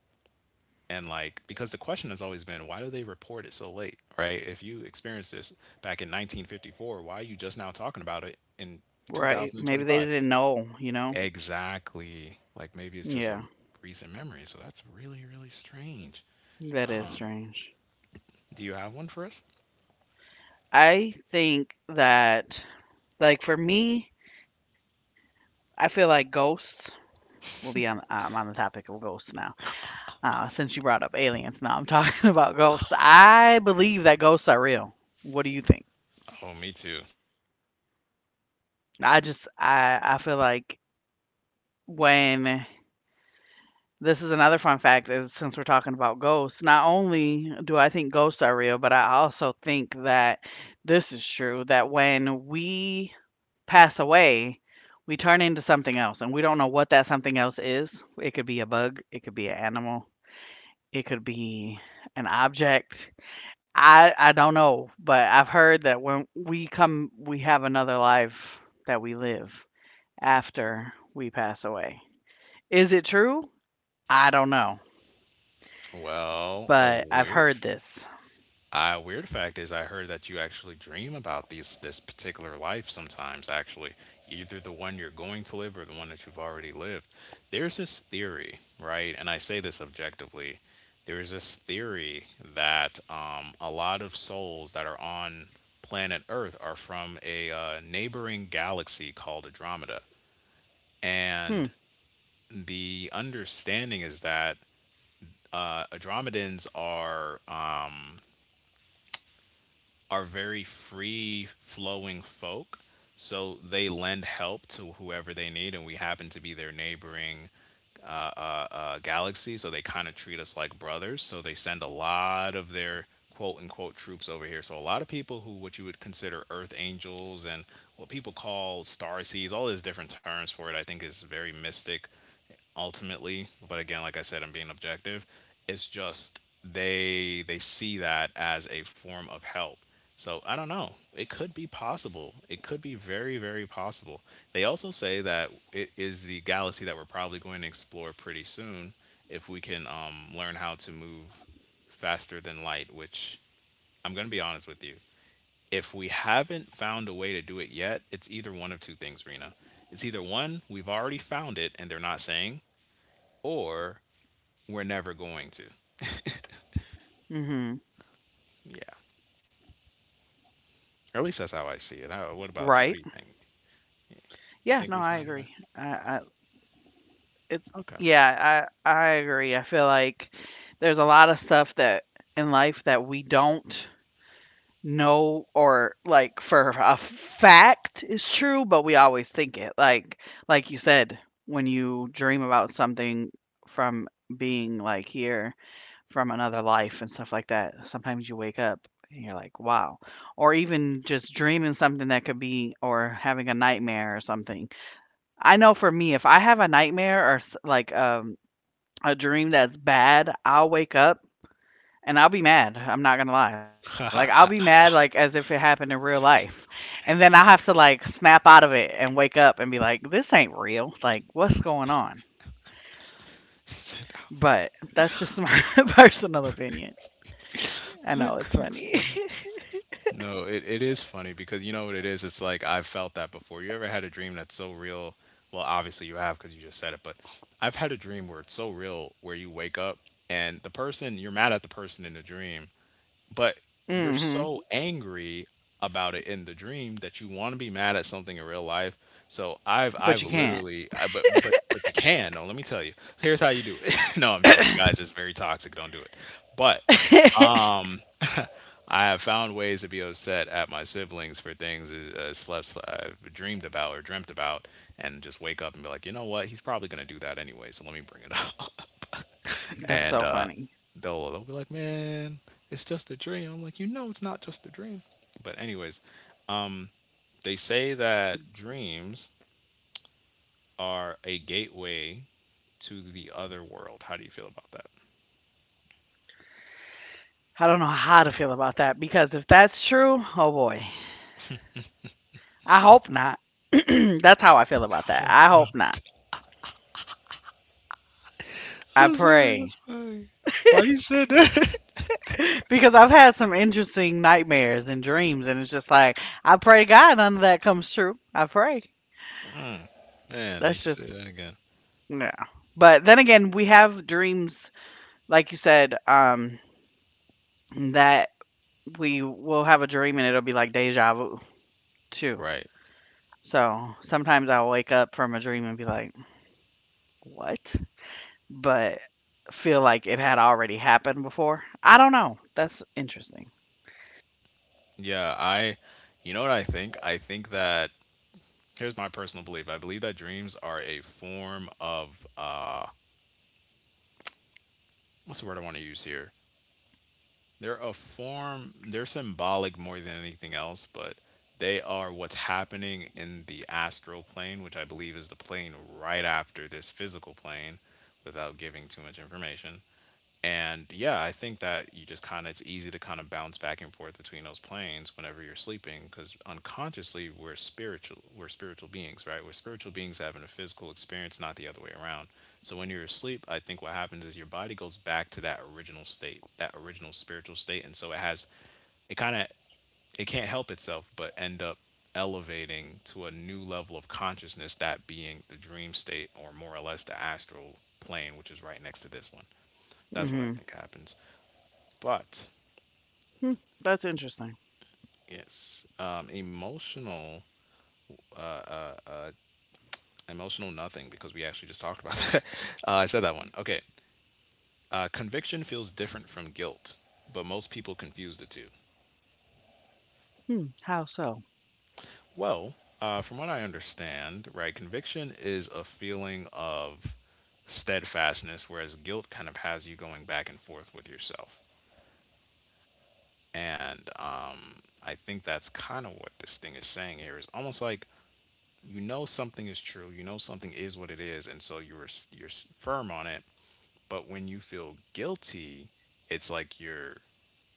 And like, because the question has always been, why do they report it so late, right? If you experienced this back in 1954, why are you just now talking about it in Right. Maybe they 2025? didn't know, you know? Exactly. Like maybe it's just a Yeah, recent memory. So that's really, really strange. that is Um, strange. do you have one for us? I think that, like, for me, I feel like ghosts will be on I'm on the topic of ghosts now. Since you brought up aliens, now I'm talking [LAUGHS] about ghosts. I believe that ghosts are real. What do you think? Oh, me too. I just I feel like when this is another fun fact is since we're talking about ghosts, not only do I think ghosts are real, but I also think that this is true that when we pass away, we turn into something else and we don't know what that something else is. It could be a bug, it could be an animal, it could be an object. I don't know, but I've heard that when we come, we have another life that we live after we pass away. Is it true? I don't know, Well, a but I've weird heard this. Weird fact is, I heard that you actually dream about these this particular life sometimes. Actually, either the one you're going to live or the one that you've already lived. There's this theory, right? And I say this objectively. There is this theory that a lot of souls that are on planet Earth are from a neighboring galaxy called Andromeda, and Hmm. the understanding is that Andromedans are. Are very free flowing folk. So they lend help to whoever they need, and we happen to be their neighboring galaxy. So they kind of treat us like brothers. So they send a lot of their quote unquote troops over here. So a lot of people who what you would consider Earth angels and what people call star seeds, all these different terms for it, I think is very mystic ultimately, but again, like I said, I'm being objective. It's just they see that as a form of help. So I don't know. It could be possible. It could be very, very possible. They also say that it is the galaxy that we're probably going to explore pretty soon if we can learn how to move faster than light, which I'm going to be honest with you. If we haven't found a way to do it yet, it's either one of two things, Rena. It's either one, we've already found it and they're not saying, or we're never going to. hmm Yeah. At least that's Right. how I see it. How, what about you? What do you think? Yeah. No, I agree. You think I we found a way? it. Yeah. Okay. I agree. I feel like there's a lot of stuff that in life that we don't know or like for a fact is true, but we always think it. Like you said, when you dream about something from being like here from another life and stuff like that, sometimes you wake up and you're like, wow. Or even just dreaming something that could be or having a nightmare or something. I know for me, if I have a nightmare or a dream that's bad, I'll wake up and I'll be mad, I'm not gonna lie. Like, I'll be [LAUGHS] mad, like, as if it happened in real life, and then I have to, like, snap out of it and wake up and be like, "This ain't real. Like, what's going on?" But that's just my [LAUGHS] personal opinion. I that know it's cracks me funny. up. [LAUGHS] No, it is funny because you know what it is? It's like I've felt that before. You ever had a dream that's so real? Well, obviously you have because you just said it, but I've had a dream where it's so real where you wake up and the person, you're mad at the person in the dream, but you're Mhm, so angry about it in the dream that you want to be mad at something in real life. So I've but I've you can't. literally I, but you can. No, let me tell you. So here's how you do it. [LAUGHS] no, I'm joking, guys. It's very toxic. Don't do it. But [LAUGHS] I have found ways to be upset at my siblings for things I slept, I dreamed about or dreamt about, and just wake up and be like, you know what? He's probably gonna do that anyway, so let me bring it up. [LAUGHS] That's and so funny. they'll be like, man, it's just a dream. I'm like, you know, it's not just a dream. But anyways, um, they say that dreams are a gateway to the other world. How do you feel about that? [LAUGHS] I don't know how to feel about that because if that's true, oh boy. I hope not. [CLEARS THROAT] That's how I feel about that. Oh, I no. hope not. I I'm sorry, that's pray. funny. Why you said that? [LAUGHS] Because I've had some interesting nightmares and dreams, and it's just like, I pray to God none of that comes true. I pray. Mm, man, you That's can say just, that again. no. But then again, we have dreams, like you said, that we will have a dream and it'll be like deja vu, too. Right. So sometimes I'll wake up from a dream and be like, what? But feel like it had already happened before. I don't know. That's interesting. Yeah, I you know what I think? I think that here's my personal belief. I believe that dreams are a form of what's the word I want to use here? They're a form they're symbolic more than anything else, but they are what's happening in the astral plane, which I believe is the plane right after this physical plane without giving too much information. And yeah, I think that you just kind of, it's easy to kind of bounce back and forth between those planes whenever you're sleeping because unconsciously we're spiritual beings, right? We're spiritual beings having a physical experience, not the other way around. So when you're asleep, I think what happens is your body goes back to that original state, that original spiritual state. And so it has, it kind of, it can't help itself but end up elevating to a new level of consciousness, that being the dream state or more or less the astral plane, which is right next to this one. That's what I Hmm. think happens. But Hmm. That's interesting. yes, emotional, uh, uh, uh, emotional nothing because we actually just talked about [LAUGHS] that. I said that one. Okay. Conviction feels different from guilt, but most people confuse the two. Hmm. How so? Well, from what I understand, right, conviction is a feeling of steadfastness, whereas guilt kind of has you going back and forth with yourself. And I think that's kind of what this thing is saying here is almost like, you know something is true, you know something is what it is, and so firm on it. But when you feel guilty, it's like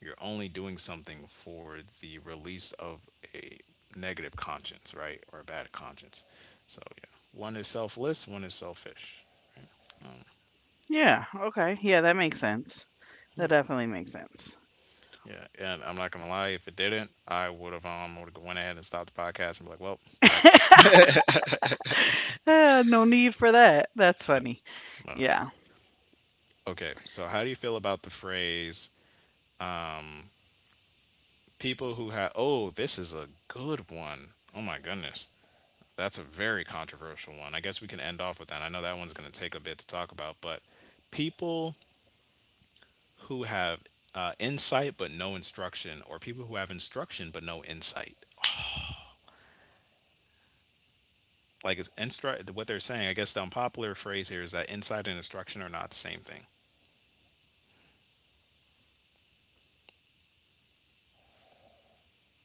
you're only doing something for the release of a negative conscience, right? Or a bad conscience. So yeah, one is selfless, one is selfish. Yeah, Yeah, okay. Yeah, that makes sense. That yeah, definitely makes sense. yeah, and I'm not gonna lie. If it didn't, I would have went ahead and stopped the podcast and be like, well, that quit. Ah, no need for that. That's No, funny. no, guys. Yeah. Okay, so how do you feel about the phrase? um, people who have, oh, this is a good one. Oh my goodness, that's a very controversial one. I guess we can end off with that. I know that one's going to take a bit to talk about, but people who have insight but no instruction, or people who have instruction but no insight. Like, what they're saying, I guess the unpopular phrase here is that insight and instruction are not the same thing.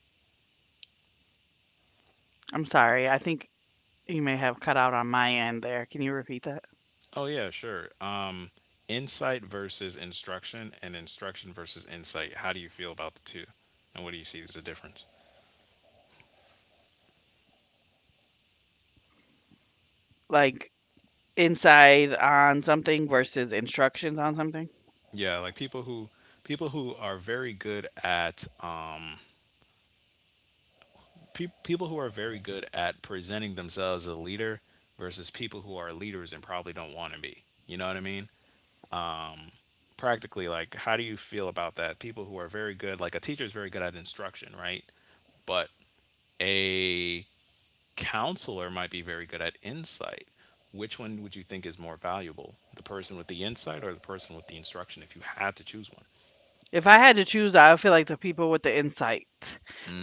I'm sorry. I think you may have cut out on my end there. Can you repeat that? Oh yeah, sure. Insight versus instruction, and instruction versus insight. How do you feel about the two, and what do you see as the difference? Like inside on something versus instructions on something? Yeah, like people who are very good at people who are very good at presenting themselves as a leader versus people who are leaders and probably don't want to be. You know what I mean? Um practically, like, how do you feel about that? People who are very good, like a teacher is very good at instruction, right? But a counselor might be very good at insight. Which one would you think is more valuable? The person with the insight or the person with the instruction if you had to choose one? If I had to choose, I would feel like the people with the insight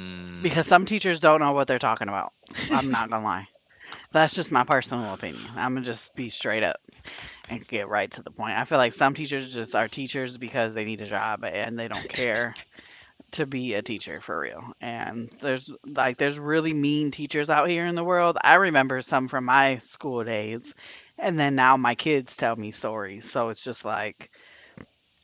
because some teachers don't know what they're talking about. I'm not going to lie. That's just my personal opinion. I'm going to just be straight up. And get right to the point. I feel like some teachers just are teachers because they need a job and they don't care to be a teacher for real. And there's like there's really mean teachers out here in the world. I remember some from my school days and then now my kids tell me stories. So it's just like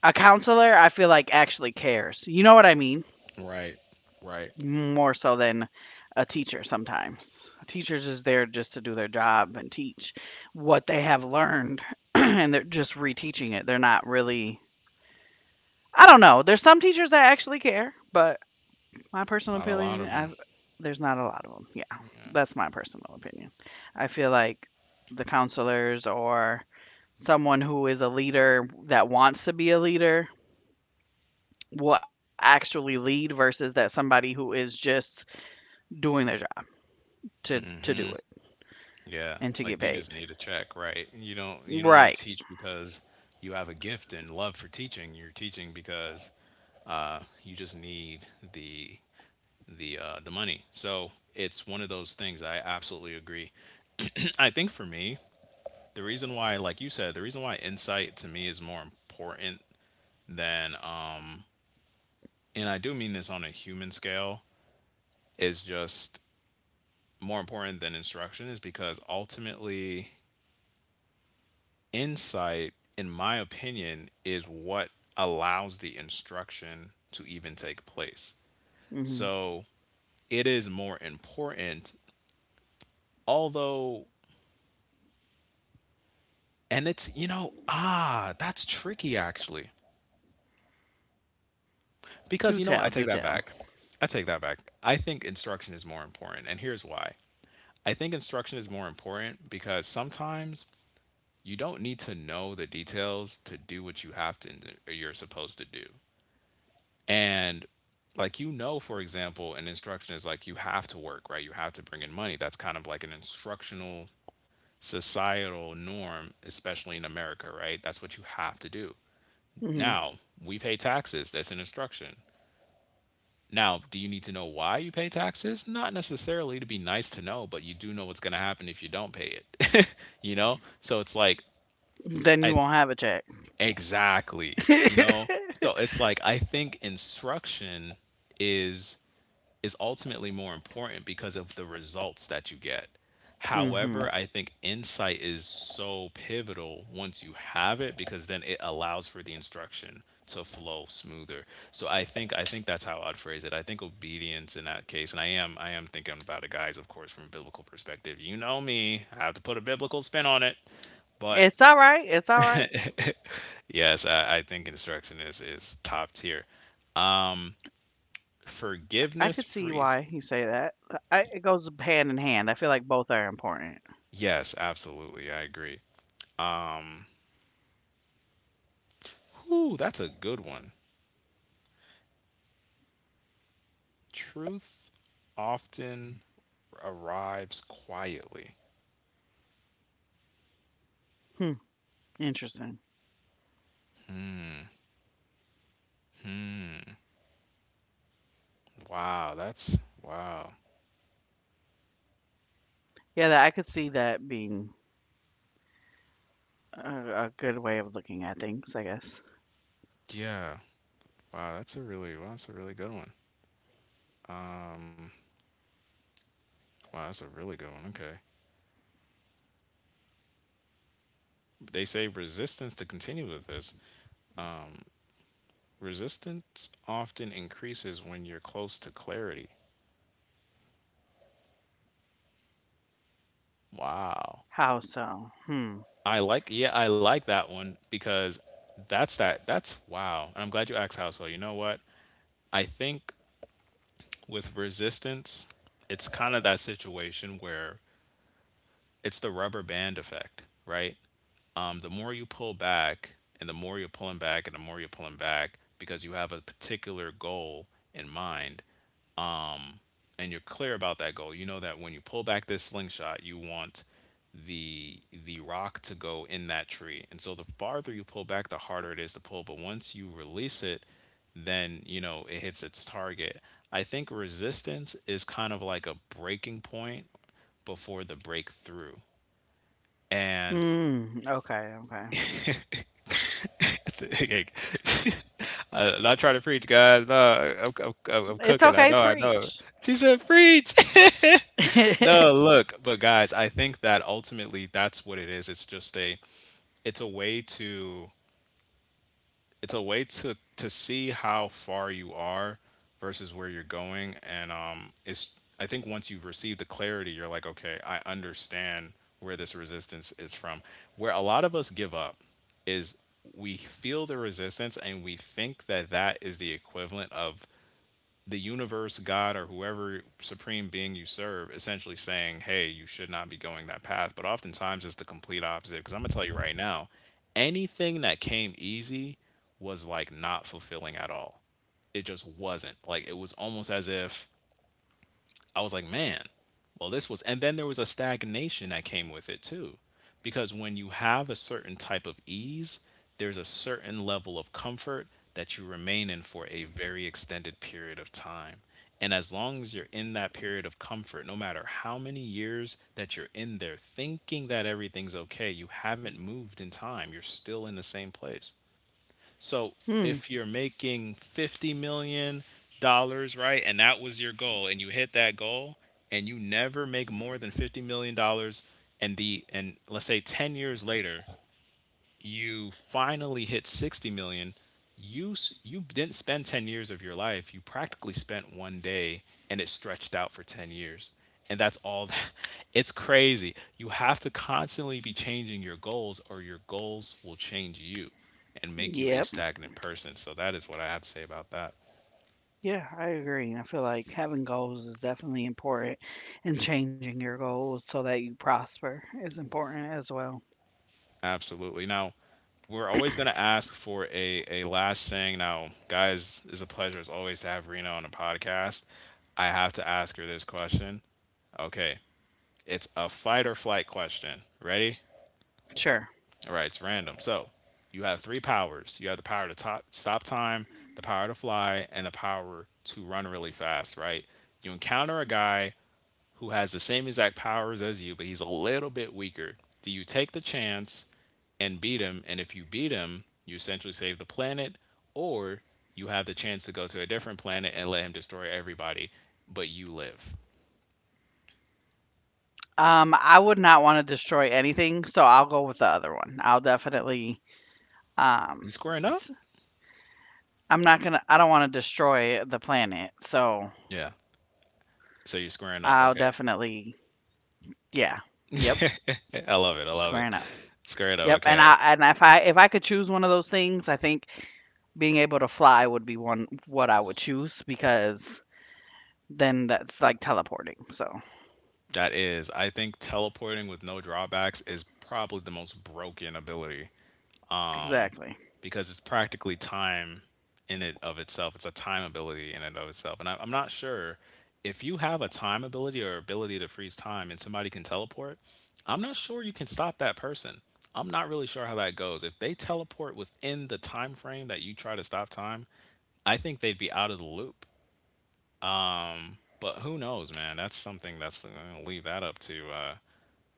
a counselor I feel like actually cares. You know what I mean? Right, right. More so than a teacher sometimes. Teachers is there just to do their job and teach what they have learned, [CLEARS THROAT] and they're just reteaching it. They're not really I don't know, there's some teachers that actually care, but my It's personal not a lot opinion, of them. I've there's not a lot of them. Yeah. Yeah. That's my personal opinion. I feel like the counselors or someone who is a leader that wants to be a leader will actually lead versus that somebody who is just doing their job to do it. Yeah, And to like get you just paid. need a check, right? You don't want Right. to teach because you have a gift and love for teaching. You're teaching because you just need the the the money. So it's one of those things. I absolutely agree. [CLEARS THROAT] I think for me, the reason why, like you said, the reason why insight to me is more important than, and I do mean this on a human scale, is just more important than instruction is because ultimately insight, in my opinion, is what allows the instruction to even take place. Mhm. So it is more important, although, and it's, you know, ah, that's tricky actually. Do tell, do Because, you know, what? tell. I take that back. I take that back. I think instruction is more important. And here's why I think instruction is more important, because sometimes you don't need to know the details to do what you have to, you're supposed to do. And like, you know, for example, an instruction is like you have to work, right? You have to bring in money. That's kind of like an instructional societal norm, especially in America, right? That's what you have to do. Mhm. Now, we pay taxes. That's an instruction. Now, do you need to know why you pay taxes? Not necessarily to be nice to know, but you do know what's going to happen if you don't pay it. [LAUGHS] you know? So it's like [LAUGHS] Then I you won't have a check. exactly, you know? [LAUGHS] So it's like I think instruction is is ultimately more important because of the results that you get. However, Mhm. I think insight is so pivotal once you have it because then it allows for the instruction to flow smoother. So I think that's how I'd phrase it. I think obedience in that case, and I am thinking about it, guys, of course, from a biblical perspective. You know me, I have to put a biblical spin on it. But It's all right. It's all right. yes, I think instruction is top tier. I could see why you say that. Forgiveness I- frees. it goes hand in hand. I feel like both are important. Yes, absolutely. I agree. Ooh, that's a good one. Truth often arrives quietly. Hmm. Interesting. Wow, that's wow. Yeah, that I could see that being a good way of looking at things, I guess. Yeah. Wow, that's a really good one. Wow, that's a really good one. Okay. They say resistance, to continue with this. Resistance often increases when you're close to clarity. Wow. How so? Hmm. I like that one because that's wow. And I'm glad you asked how so. You know what? I think with resistance, it's kind of that situation where it's the rubber band effect, right? The more you pull back, and the more you're pulling back, and the more you're pulling back because you have a particular goal in mind, and you're clear about that goal. You know that when you pull back this slingshot, you want the rock to go in that tree. And so the farther you pull back, the harder it is to pull. But once you release it, then you know it hits its target. I think resistance is kind of like a breaking point before the breakthrough. And Hmm. Okay. Okay. [LAUGHS] I, not trying to preach, guys. No, I'm It's cooking. I know, okay. I know. Preach. She said, "Preach." No, [LAUGHS] look, but guys, I think that ultimately that's what it is. It's just a it's a way to it's a way to see how far you are versus where you're going. And it's, I think once you've received the clarity, you're like, okay, I understand where this resistance is from. Where a lot of us give up is, we feel the resistance and we think that that is the equivalent of the universe, God, or whoever supreme being you serve, essentially saying, hey, you should not be going that path. But oftentimes it's the complete opposite. Because I'm going to tell you right now, anything that came easy was like not fulfilling at all. It just wasn't. Like it was almost as if I was like, man, well, this was, and then there was a stagnation that came with it too. Because when you have a certain type of ease, there's a certain level of comfort that you remain in for a very extended period of time. And as long as you're in that period of comfort, no matter how many years that you're in there thinking that everything's okay, you haven't moved in time. You're still in the same place. So Hmm. if you're making 50 million dollars, right, and that was your goal and you hit that goal, and you never make more than 50 million dollars, and the and let's say 10 years later you finally hit 60 million. You didn't spend 10 years of your life, you practically spent one day and it stretched out for 10 years. And that's all that. [LAUGHS] It's crazy, you have to constantly be changing your goals or your goals will change you and make you a Yep. stagnant person. So that is what I have to say about that. Yeah, I agree. I feel like having goals is definitely important, and changing your goals so that you prosper is important as well. Absolutely. Now, we're always going to ask for a last saying. Now, guys, it's a pleasure as always to have Rena on a podcast. I have to ask her this question. Okay. It's a fight or flight question. Ready? Sure. All right. It's random. So, you have three powers. You have the power to stop time, the power to fly, and the power to run really fast, right? You encounter a guy who has the same exact powers as you, but he's a little bit weaker. Do you take the chance and beat him? And if you beat him, you essentially save the planet, or you have the chance to go to a different planet and let him destroy everybody, but you live. I would not want to destroy anything, so I'll go with the other one. I'll definitely, um, You squaring up? I'm not gonna, I don't want to destroy the planet, so Yeah. So you're I'll squaring up. Okay. definitely, yeah, yep, [LAUGHS] I love it. I squaring love up. it. Yep, Squaring up. and Okay. I and if I could choose one of those things, I think being able to fly would be one what I would choose, because then that's like teleporting. So, That is, I think teleporting with no drawbacks is probably the most broken ability exactly. because it's practically time in it of itself. It's a time ability in and of itself. And I'm not sure if you have a time ability or ability to freeze time and somebody can teleport, I'm not sure you can stop that person. I'm not really sure how that goes. If they teleport within the time frame that you try to stop time, I think they'd be out of the loop. But who knows, man? That's something that's, I'm gonna leave that up to uh,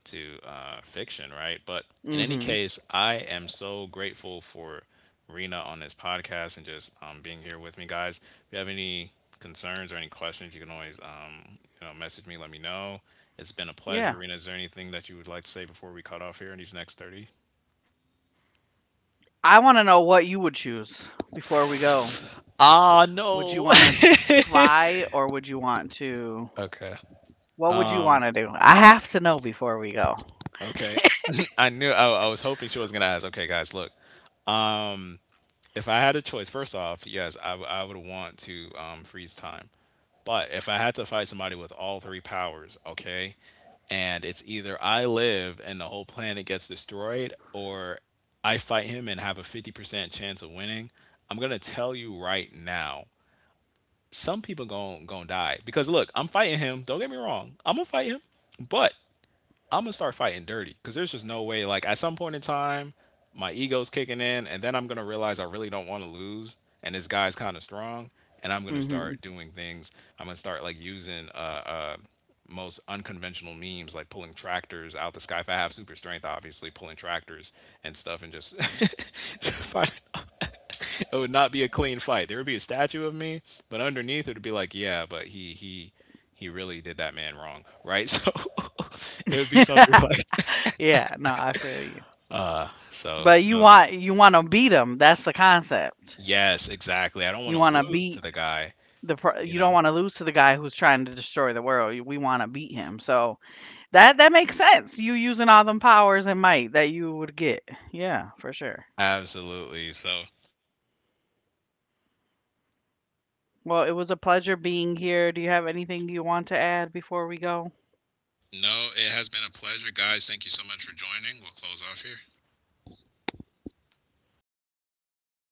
to uh, fiction, right? But in any case, I am Hmm. so grateful for Rena on this podcast, and just being here with me, guys. If you have any concerns or any questions, you can always message me, let me know. It's been a pleasure, Rena. Is there anything that you would like Yeah. to say before we cut off here in these next 30? I want to know what you would choose before we go. Would Ah, you want to no. [LAUGHS] fly or would you want to? Okay. What would you want to do? I have to know before we go. Okay. [LAUGHS] I knew I was hoping she was gonna ask. Okay, guys, look. If I had a choice, first off, yes, I would want to freeze time. But if I had to fight somebody with all three powers, okay, and it's either I live and the whole planet gets destroyed, or I fight him and have a 50% chance of winning, I'm going to tell you right now, some people going to die. Because look, I'm fighting him. Don't get me wrong. I'm going to fight him. But I'm gonna start fighting dirty because there's just no way. Like at some point in time, my ego's kicking in, and then I'm gonna realize I really don't want to lose, and this guy's kind of strong, and I'm gonna start doing things. Hmm. I'm gonna start like using most unconventional memes, like pulling tractors out the sky. If I have super strength, obviously pulling tractors and stuff, and just [LAUGHS] find- it would not be a clean fight. There would be a statue of me, but underneath it would be like, yeah, but he really did that man wrong, right? [LAUGHS] So it would be something like that. [LAUGHS] Yeah. No, I feel you. So But you no, want you want to beat him. That's the concept. yes, exactly. I don't You want to want to lose to beat the guy, the. Pro- you You know. don't want to lose to the guy who's trying to destroy the world. We want to beat him. So that that makes sense. You using all them powers and might that you would get. Yeah, for sure. Absolutely. So Well, it was a pleasure being here. Do you have anything you want to add before we go? no, it has been a pleasure, guys. Thank you so much for joining. We'll close off here. All right. See you later.